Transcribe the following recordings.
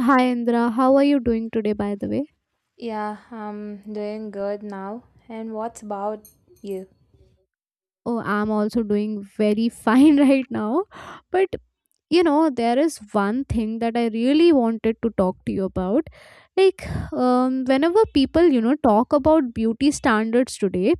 Hi Indra, how are you doing today by the way? Yeah, I'm doing good now. And what's about you? Oh, I'm also doing very fine right now. But you know, there is one thing that I really wanted to talk to you about. Like, whenever people, you know, talk about beauty standards today,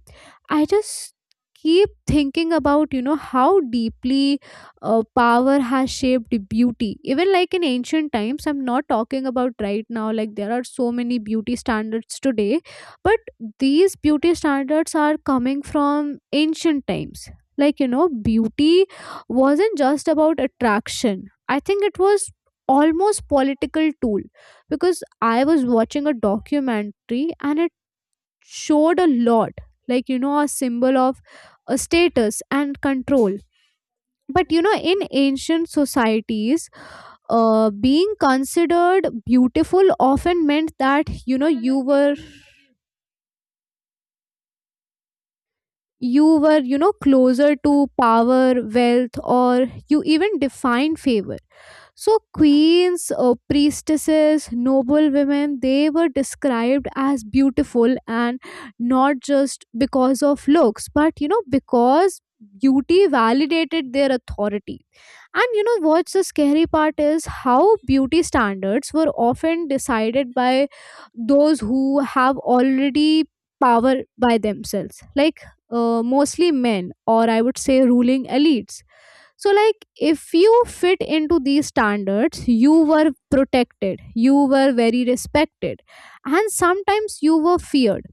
I just keep thinking about you know how deeply power has shaped beauty even like in ancient times. I'm not talking about right now, like there are so many beauty standards today, but these beauty standards are coming from ancient times. Like you know, beauty wasn't just about attraction, I think it was almost political tool, because I was watching a documentary and it showed a lot, like you know, a symbol of a status and control. But you know, in ancient societies, being considered beautiful often meant that you know you were you know closer to power, wealth, or you even defined favor. So, queens, priestesses, noble women, they were described as beautiful, and not just because of looks, but you know, because beauty validated their authority. And you know, what's the scary part is how beauty standards were often decided by those who have already power by themselves, like mostly men, or I would say ruling elites. So like if you fit into these standards, you were protected, you were very respected, and sometimes you were feared.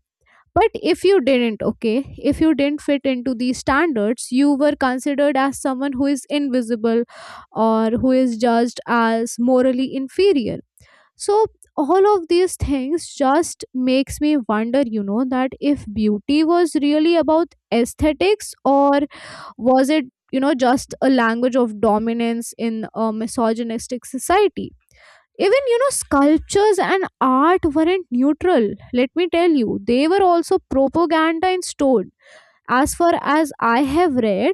But if you didn't, okay, if you didn't fit into these standards, you were considered as someone who is invisible or who is judged as morally inferior. So all of these things just makes me wonder, you know, that if beauty was really about aesthetics, or was it, you know, just a language of dominance in a misogynistic society? Even, you know, sculptures and art weren't neutral. Let me tell you, they were also propaganda and stored. As far as I have read,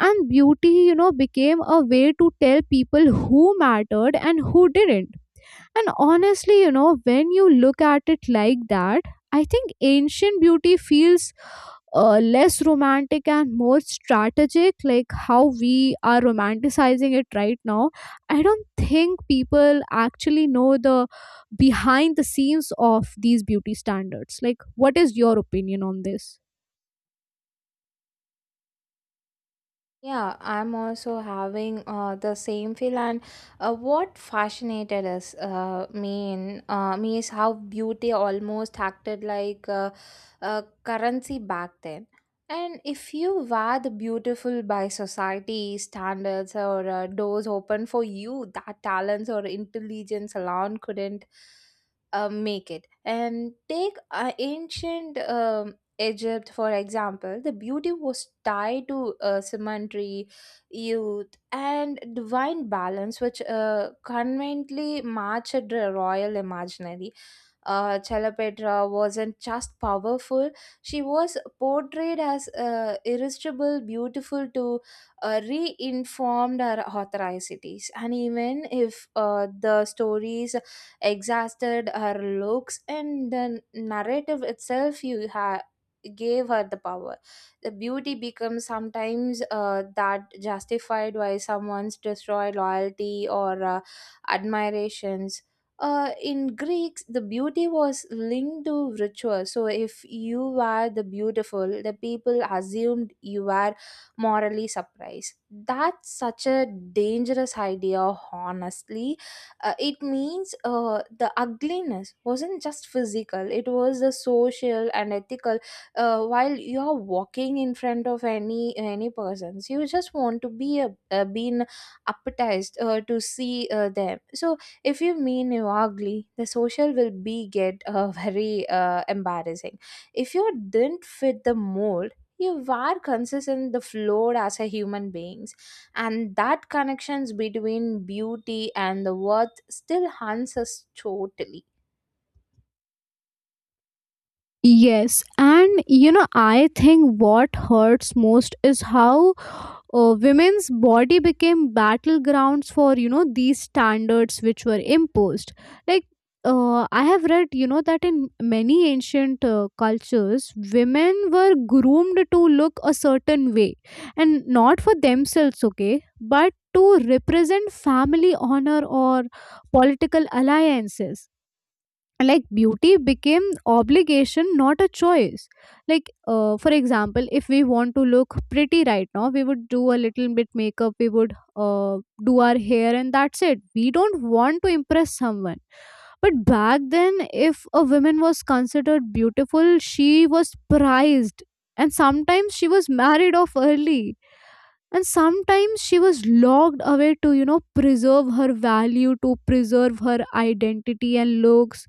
and beauty, you know, became a way to tell people who mattered and who didn't. And honestly, you know, when you look at it like that, I think ancient beauty feels less romantic and more strategic, like how we are romanticizing it right now. I don't think people actually know the behind the scenes of these beauty standards. Like, what is your opinion on this? Yeah, I'm also having the same feel, and what fascinated us me in me is how beauty almost acted like a currency back then. And if you were the beautiful by society standards or doors open for you, that talents or intelligence alone couldn't make it. And take ancient Egypt, for example, the beauty was tied to symmetry, youth, and divine balance, which conveniently matched the royal imaginary. Chalapetra wasn't just powerful, she was portrayed as irresistible, beautiful to reinformed her authoricities. And even if the stories exhausted her looks and the narrative itself you have gave her the power, the beauty becomes sometimes that justified why someone's destroy loyalty or admirations. In greeks the beauty was linked to ritual, so if you were the beautiful the people assumed you were morally surprised. That's such a dangerous idea, honestly. It means the ugliness wasn't just physical, it was the social and ethical. While you're walking in front of any persons, you just want to be a, being appetized to see them. So if you mean you're ugly, the social will be get very embarrassing. If you didn't fit the mold, you were consistent the floor as a human beings. And that connections between beauty and the worth still haunts us totally. Yes, and you know, I think what hurts most is how women's body became battlegrounds for you know these standards which were imposed. Like I have read you know that in many ancient cultures women were groomed to look a certain way, and not for themselves, okay, but to represent family honor or political alliances. Like beauty became obligation, not a choice. Like for example, if we want to look pretty right now, we would do a little bit makeup, we would do our hair, and that's it. We don't want to impress someone. But back then, if a woman was considered beautiful, she was prized, and sometimes she was married off early, and sometimes she was locked away to you know preserve her value, to preserve her identity and looks.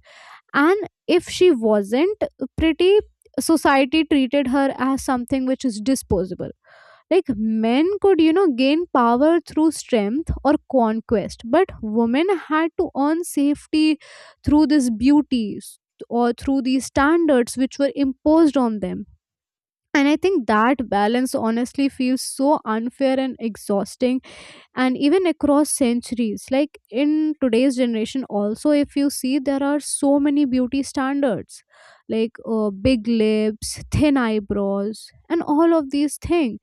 And if she wasn't pretty, society treated her as something which is disposable. Like men could you know gain power through strength or conquest, but women had to earn safety through or through these standards which were imposed on them. And I think that balance honestly feels so unfair and exhausting. And even across centuries, like in today's generation also, if you see, there are so many beauty standards, like big lips, thin eyebrows, and all of these things.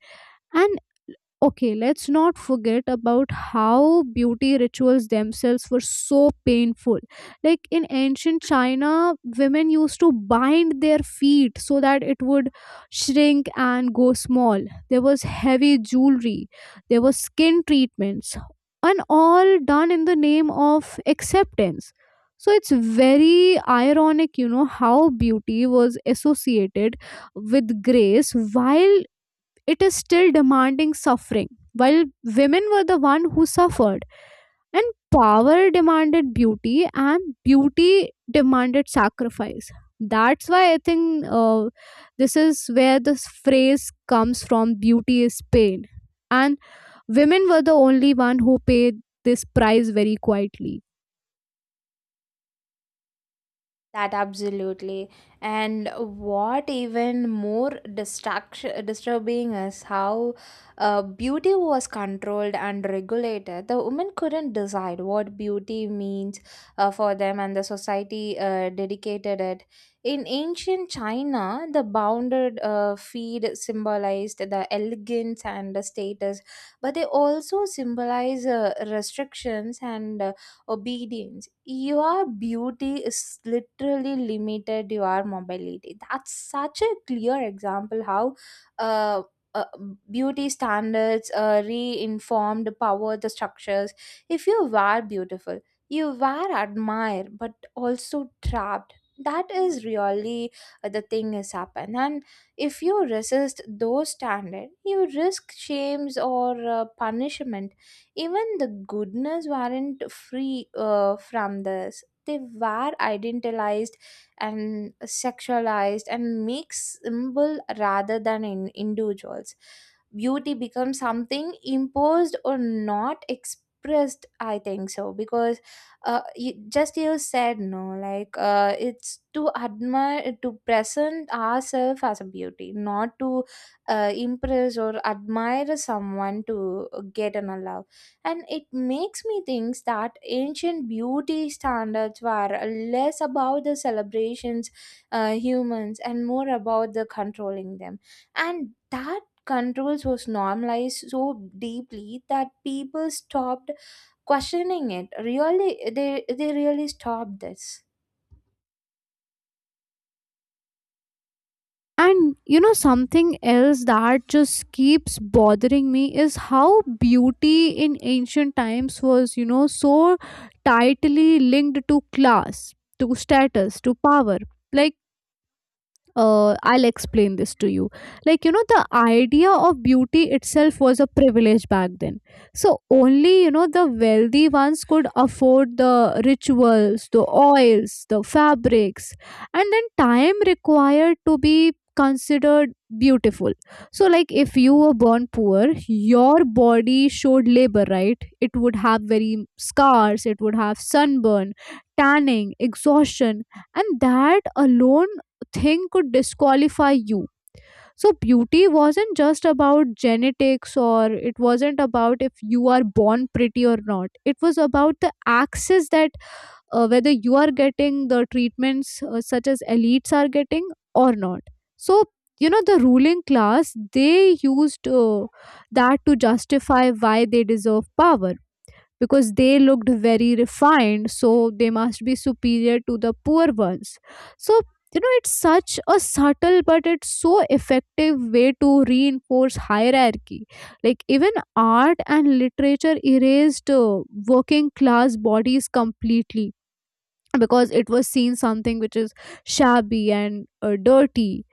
Okay, let's not forget about how beauty rituals themselves were so painful. Like in ancient China, women used to bind their feet so that it would shrink and go small. There was heavy jewelry, there was skin treatments, and all done in the name of acceptance. So it's very ironic, you know, how beauty was associated with grace while it is still demanding suffering, while women were the one who suffered, and power demanded beauty, and beauty demanded sacrifice. That's why I think this is where this phrase comes from: beauty is pain. And women were the only one who paid this price very quietly. That absolutely. And what even more distraction disturbing is how beauty was controlled and regulated. The women couldn't decide what beauty means for them, and the society dedicated it. In ancient China, the bounded feed symbolized the elegance and the status, but they also symbolize restrictions and obedience. Your beauty is literally limited to your mobility. That's such a clear example how uh, uh, beauty standards reinformed power the structures. If you were beautiful, you were admired but also trapped. That is really the thing has happened. And if you resist those standards, you risk shames or punishment. Even the goodness weren't free from this. They were idealized and sexualized and make symbol rather than in individuals. Beauty becomes something imposed or not expressed, I think so, because you, just you said no, like it's to admire, to present ourselves as a beauty, not to impress or admire someone to get an love. And it makes me think that ancient beauty standards were less about the celebrations humans and more about the controlling them. And that controls was normalized so deeply that people stopped questioning it. Really, they they really stopped this. And you know, something else that just keeps bothering me is how beauty in ancient times was, you know, so tightly linked to class, to status, to power. Like, I'll explain this to you. Like, you know, the idea of beauty itself was a privilege back then. So, only, you know, the wealthy ones could afford the rituals, the oils, the fabrics, and then time required to be considered beautiful. So, like, if you were born poor, your body showed labor, right? It would have very scars, it would have sunburn, tanning, exhaustion, and that alone thing could disqualify you. So, beauty wasn't just about genetics, or it wasn't about if you are born pretty or not. It was about the access, that whether you are getting the treatments such as elites are getting or not. So, you know, the ruling class, they used that to justify why they deserve power, because they looked very refined, so they must be superior to the poor ones. So you know, it's such a subtle but it's so effective way to reinforce hierarchy. Like even art and literature erased working class bodies completely, because it was seen something which is shabby and dirty.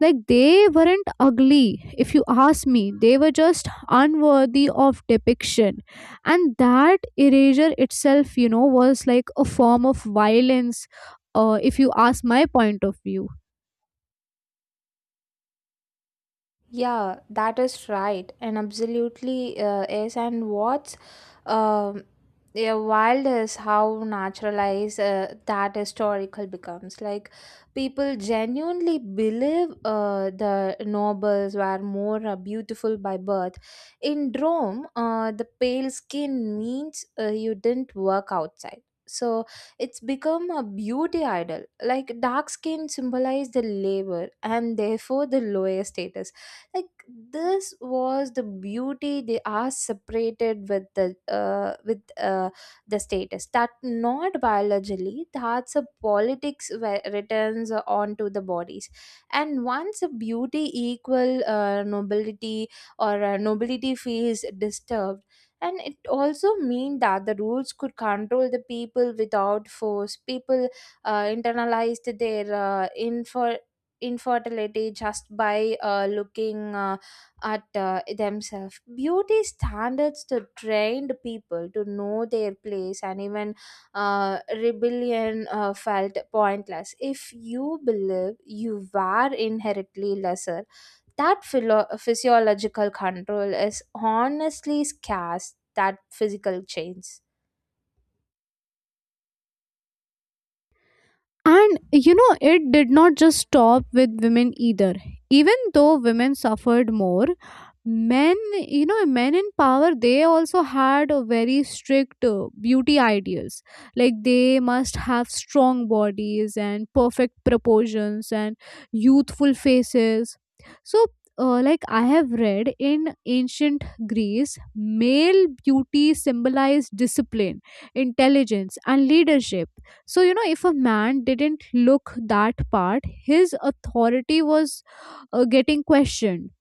Like they weren't ugly, if you ask me. They were just unworthy of depiction. And that erasure itself, you know, was like a form of violence, if you ask my point of view. Yeah, that is right, and absolutely is. And what's um yeah, wild is how naturalized that historical becomes. Like people genuinely believe the nobles were more beautiful by birth. In Rome, the pale skin means you didn't work outside. So it's become a beauty idol. Like dark skin symbolize the labor and therefore the lower status. Like this was the beauty they are separated with the status, that not biologically. That's a politics where returns onto the bodies. And once a beauty equal nobility or nobility feels disturbed. And it also mean that the rules could control the people without force. People internalized their infer infertility just by looking at themselves. Beauty standards to trained people to know their place, and even rebellion felt pointless. If you believe you were inherently lesser, that physiological control is honestly scarce, that physical change. And you know, it did not just stop with women either. Even though women suffered more, men, you know, men in power, they also had a very strict beauty ideals. Like they must have strong bodies and perfect proportions and youthful faces. So, like I have read in ancient Greece, male beauty symbolized discipline, intelligence, and leadership. So, you know, if a man didn't look that part, his authority was getting questioned.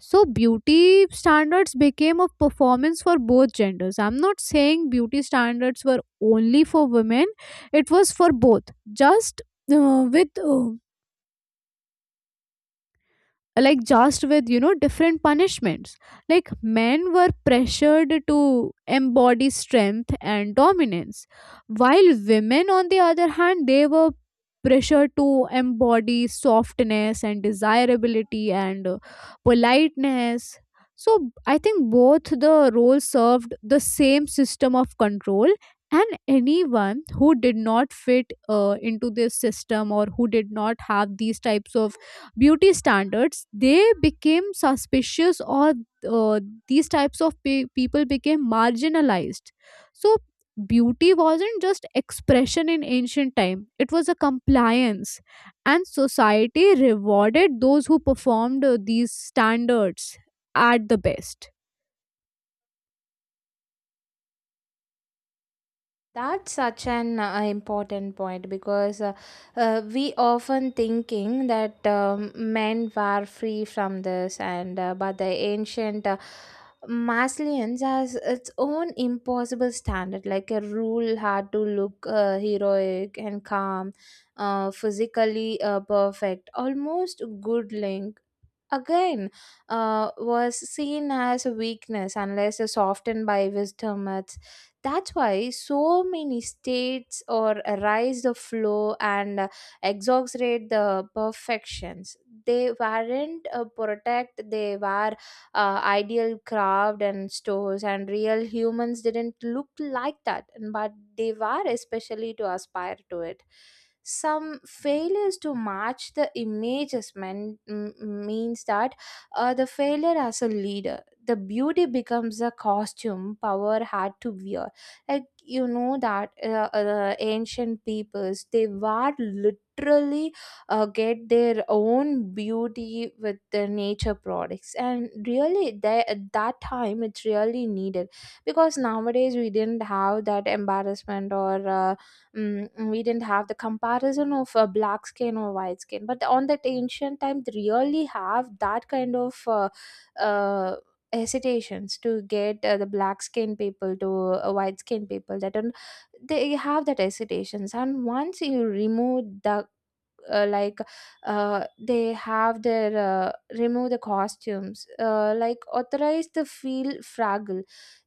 So, beauty standards became a performance for both genders. I'm not saying beauty standards were only for women, it was for both. Just with like just with you know different punishments. Like men were pressured to embody strength and dominance, while women on the other hand, they were pressured to embody softness and desirability and politeness. So I think both the roles served the same system of control, and anyone who did not fit into this system, or who did not have these types of beauty standards, they became suspicious or uh, these types of people became marginalized. So beauty wasn't just expression in ancient time, it was a compliance. And society rewarded those who performed these standards at the best. That's such an important point, because we often thinking that men were free from this, and but the ancient Maslians has its own impossible standard. Like a rule had to look heroic and calm, physically perfect, almost good link. Again, was seen as a weakness unless softened by wisdom myths. That's why so many states or rise the flow and exaggerate the perfections. They weren't protect, they were ideal craft and stores, and real humans didn't look like that, but they were especially to aspire to it. Some failures to match the images men, means that the failure as a leader, the beauty becomes a costume power had to wear. Like you know that ancient peoples, they were literally get their own beauty with the nature products, and really they, at that time it's really needed, because nowadays we didn't have that embarrassment or we didn't have the comparison of black skin or white skin. But on that ancient time they really have that kind of uh, hesitations to get the black skin people to white skin people that don't, they have that hesitations. And once you remove the uh, like they have their remove the costumes, like authorize the feel fragile.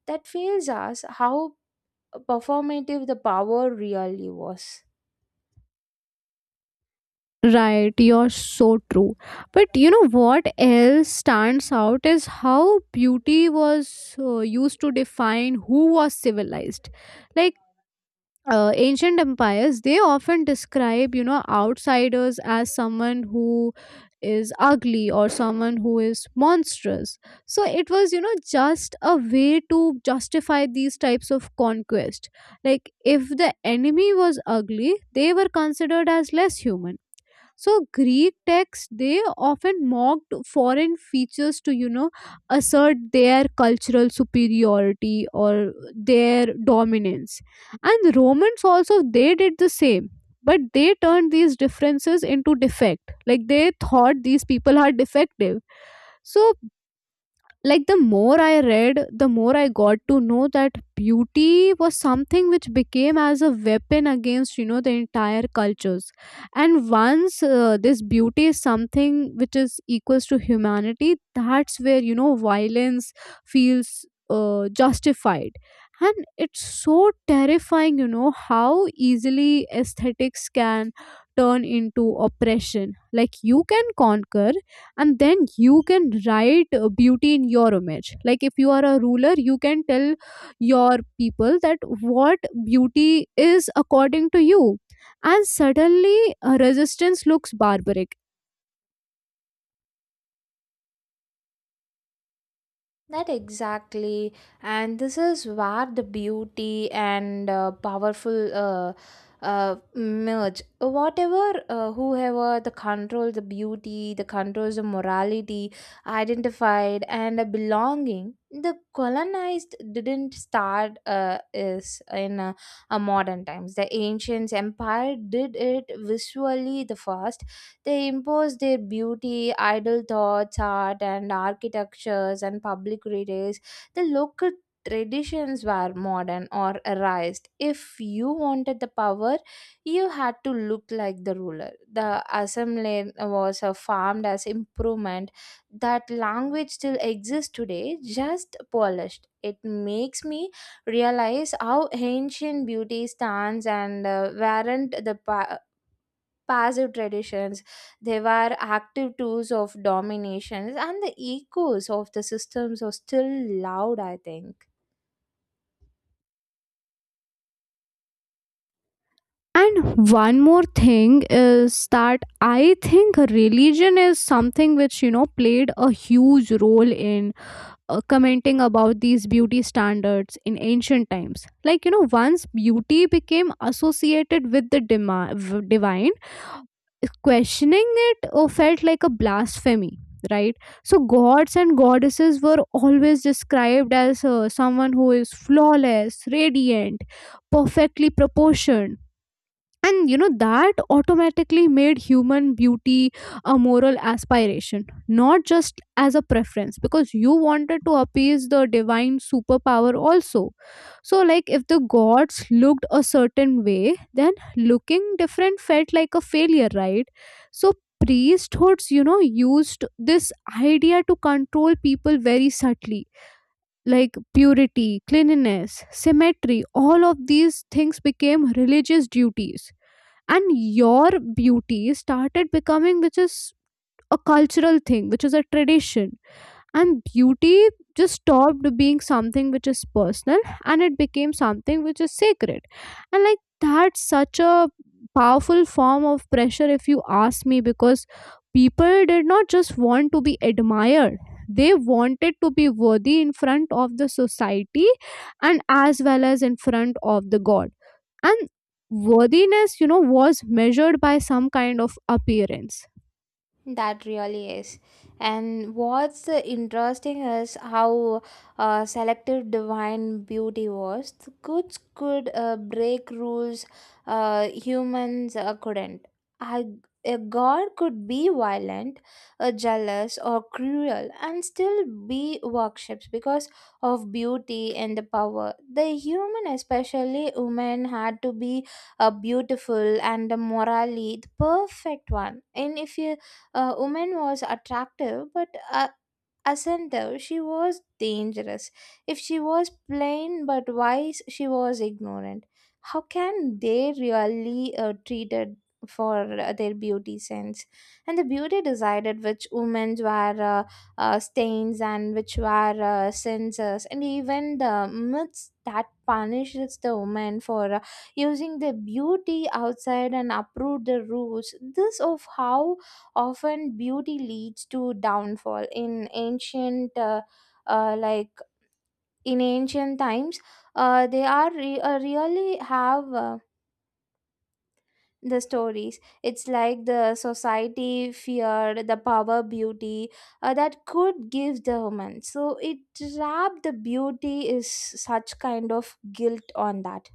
That feels us how performative the power really was. Right, you're so true. But you know what else stands out is how beauty was used to define who was civilized. Like ancient empires, they often describe you know outsiders as someone who is ugly or someone who is monstrous. So it was you know just a way to justify these types of conquest. Like if the enemy was ugly, they were considered as less human. So greek texts, they often mocked foreign features to you know assert their cultural superiority or their dominance. And the romans also, they did the same, but they turned these differences into defect, like they thought these people are defective. So like the more I read, the more I got to know that beauty was something which became as a weapon against, you know, the entire cultures. And once this beauty is something which is equals to humanity, that's where, you know, violence feels justified. And it's so terrifying, you know, how easily aesthetics can turn into oppression. Like you can conquer, and then you can write beauty in your image. Like if you are a ruler, you can tell your people that what beauty is according to you, and suddenly resistance looks barbaric. That exactly, and this is where the beauty and powerful merge. Whatever, whoever the control, the beauty, the controls, the morality, identified and a belonging. The colonized didn't start is in a modern times. The ancients empire did it visually the first. They impose their beauty, idle thoughts, art, and architectures and public retails. The local traditions were modern or erased. If you wanted the power, you had to look like the ruler. The assembly was farmed as improvement. That language still exists today, just polished. It makes me realize how ancient beauty stands and weren't the passive traditions, they were active tools of dominations, and the echoes of the systems are still loud, I think. And one more thing is that I think religion is something which, you know, played a huge role in commenting about these beauty standards in ancient times. Like, you know, once beauty became associated with the divine, questioning it or felt like a blasphemy, right? So gods and goddesses were always described as someone who is flawless, radiant, perfectly proportioned. And you know, that automatically made human beauty a moral aspiration, not just as a preference, because you wanted to appease the divine superpower also. So like, if the gods looked a certain way, then looking different felt like a failure, right? So priesthoods, you know, used this idea to control people very subtly. Like purity, cleanliness, symmetry, all of these things became religious duties. And your beauty started becoming, which is a cultural thing, which is a tradition. And beauty just stopped being something which is personal, and it became something which is sacred. And like, that's such a powerful form of pressure, if you ask me, because people did not just want to be admired, they wanted to be worthy in front of the society, and as well as in front of the god. And worthiness, you know, was measured by some kind of appearance. That really is. And what's interesting is how selective divine beauty was. The gods could break rules, humans couldn't. I, a god could be violent, jealous, or cruel and still be worshipped because of beauty and the power. The human, especially women, had to be a beautiful and a morally the perfect one. And if you a woman was attractive, but ascended, she was dangerous. If she was plain but wise, she was ignorant. How can they really treat it for their beauty sense? And the beauty decided which women were stains and which were censors, and even the myths that punishes the woman for using the beauty outside and uproot the rules. This of how often beauty leads to downfall in ancient like in ancient times. They are really have the stories. It's like the society feared the power beauty that could give the woman, so it trapped the beauty is such kind of guilt on that.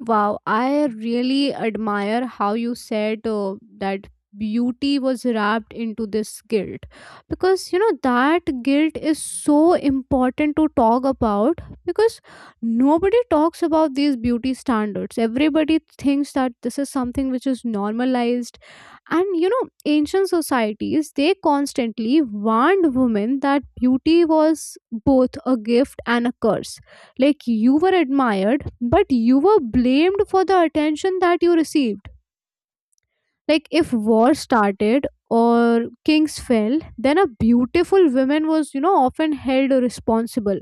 Wow, I really admire how you said that beauty was wrapped into this guilt, because you know that guilt is so important to talk about, because nobody talks about these beauty standards. Everybody thinks that this is something which is normalized, and you know, ancient societies, they constantly warned women that beauty was both a gift and a curse. Like, you were admired, but you were blamed for the attention that you received. Like, if war started or kings fell, then a beautiful woman was, you know, often held responsible.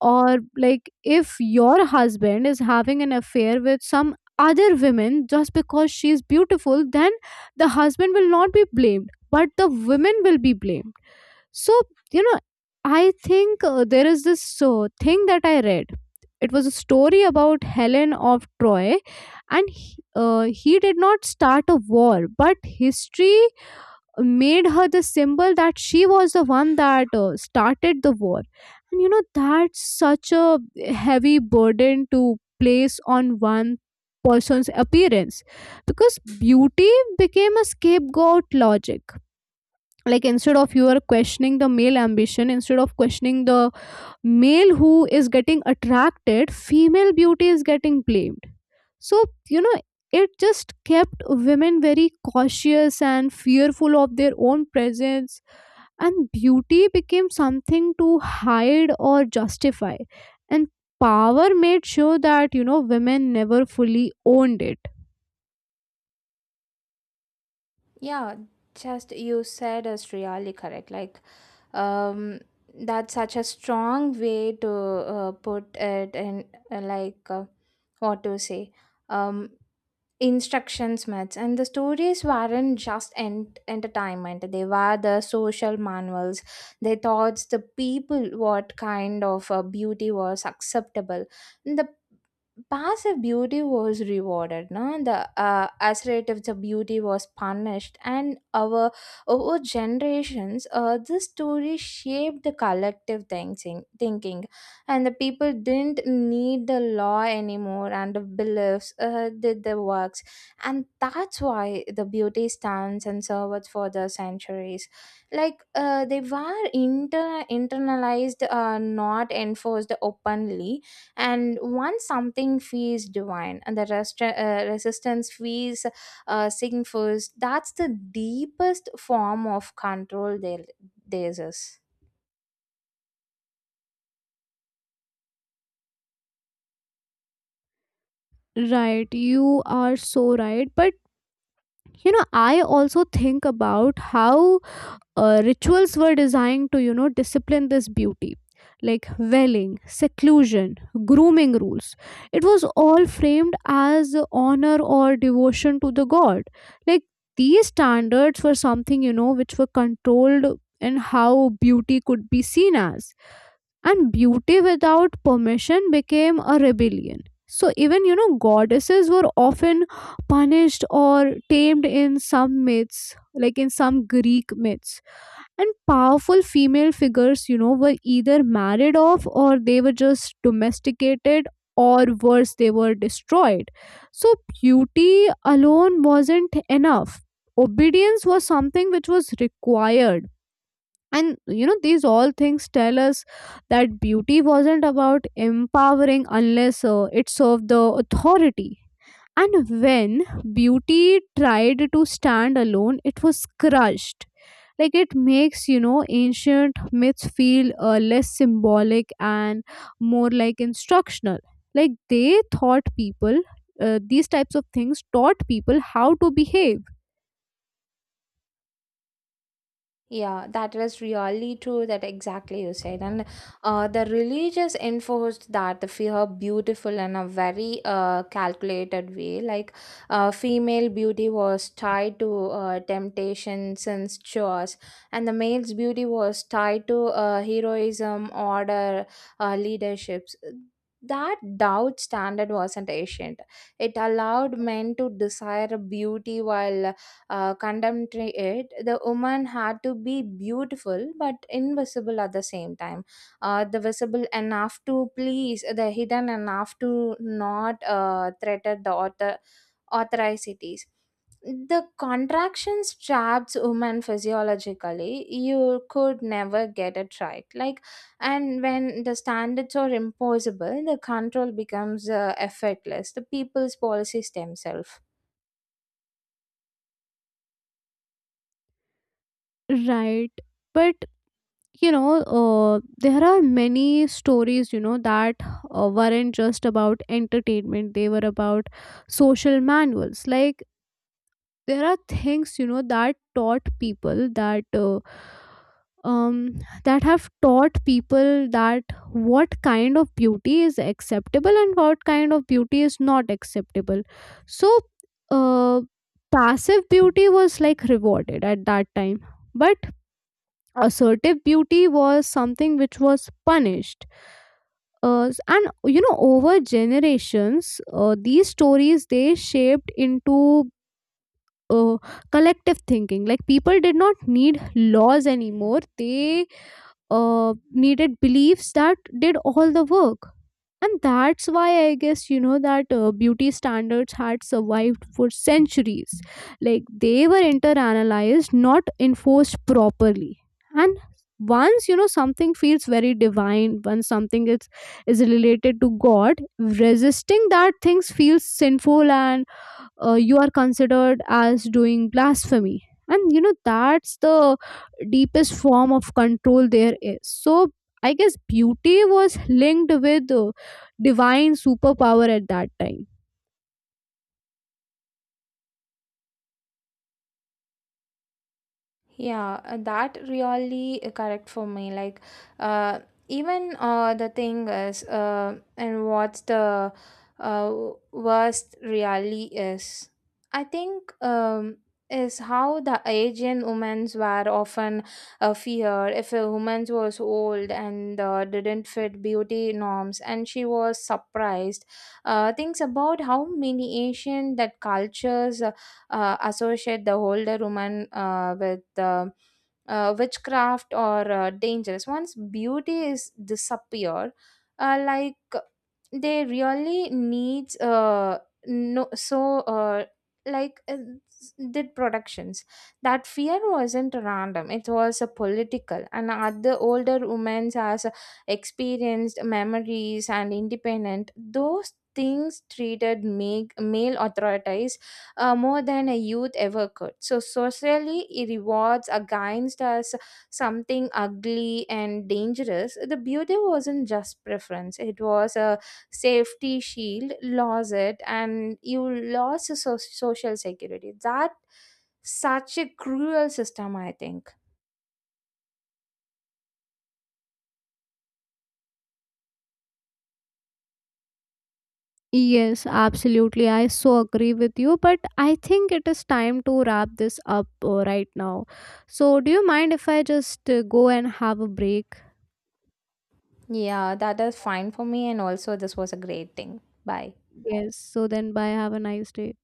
Or like, if your husband is having an affair with some other women just because she is beautiful, then the husband will not be blamed, but the women will be blamed. So, you know, I think there is this thing that I read. It was a story about Helen of Troy, and he did not start a war, but history made her the symbol that she was the one that started the war. And you know, that's such a heavy burden to place on one person's appearance, because beauty became a scapegoat logic. Like, instead of you are questioning the male ambition, instead of questioning the male who is getting attracted, female beauty is getting blamed. So, you know, it just kept women very cautious and fearful of their own presence, and beauty became something to hide or justify. And power made sure that, you know, women never fully owned it. Yeah, just you said is really correct, like, um, that's such a strong way to put it. And uh, like uh, what to say, um, instructions myths and the stories weren't just entertainment, they were the social manuals. They taught the people what kind of beauty was acceptable. The passive beauty was rewarded, no the assertive the beauty was punished, and our over generations this story shaped the collective thinking. And the people didn't need the law anymore, and the beliefs did the works. And that's why the beauty stands and served for the centuries. Like they were internalized, not enforced openly. And once something feels divine, and the resistance feels sinful, that's the deepest form of control there is. Right, you are so right, but you know, I also think about how rituals were designed to, you know, discipline this beauty. Like, veiling, seclusion, grooming rules, it was all framed as honor or devotion to the god. Like, these standards were something, you know, which were controlled in how beauty could be seen as. And beauty without permission became a rebellion. So even, you know, goddesses were often punished or tamed in some myths, like in some Greek myths. And powerful female figures, you know, were either married off, or they were just domesticated, or worse, they were destroyed. So beauty alone wasn't enough, obedience was something which was required. And you know, these all things tell us that beauty wasn't about empowering unless it served the authority. And when beauty tried to stand alone, it was crushed. Like, it makes, you know, ancient myths feel less symbolic and more like instructional. Like, they taught people, these types of things taught people how to behave. Yeah, that is really true, that exactly you said. And the religious enforced that the fear beautiful in a very calculated way. Like female beauty was tied to temptation, sins, chores, and the male's beauty was tied to heroism, order, leaderships. That doubt standard wasn't ancient. It allowed men to desire beauty while condemned it. The woman had to be beautiful but invisible at the same time. The visible enough to please, the hidden enough to not threaten the authoricities. The contractions traps women physiologically, you could never get it right. Like, and when the standards are impossible, the control becomes effortless, the people's policies themselves. Right. But you know there are many stories, you know, that weren't just about entertainment, they were about social manuals. Like, there are things, you know, that taught people that um that have taught people that what kind of beauty is acceptable and what kind of beauty is not acceptable. So uh passive beauty was like rewarded at that time, but assertive beauty was something which was punished. And you know, over generations, these stories, they shaped into uh, collective thinking. Like, people did not need laws anymore, they needed beliefs that did all the work. And that's why I guess, you know, that beauty standards had survived for centuries. Like, they were interanalyzed, not enforced properly. And once, you know, something feels very divine, once something is related to god, resisting that things feels sinful, and you are considered as doing blasphemy. And you know, that's the deepest form of control there is. So I guess beauty was linked with divine superpower at that time. Yeah, that really correct for me. Like, uh, even the thing is, and what's the worst really is, I think is how the Asian women's were often feared. If a woman was old and didn't fit beauty norms, and she was surprised. Things about how many Asian that cultures associate the older woman with witchcraft or dangerous. Once beauty is disappeared, uh, like they really needs no so like did productions. That fear wasn't random, it was a political, and other older women as experienced memories and independent those things treated make male authorities more than a youth ever could. So socially it rewards against us something ugly and dangerous. The beauty wasn't just preference, it was a safety shield. Lose it and you lost your social security. That such a cruel system, I think. Yes, absolutely, I so agree with you, but I think it is time to wrap this up right now. So do you mind if I just go and have a break? Yeah, that is fine for me, and also this was a great thing. Bye. Yes, so then bye, have a nice day.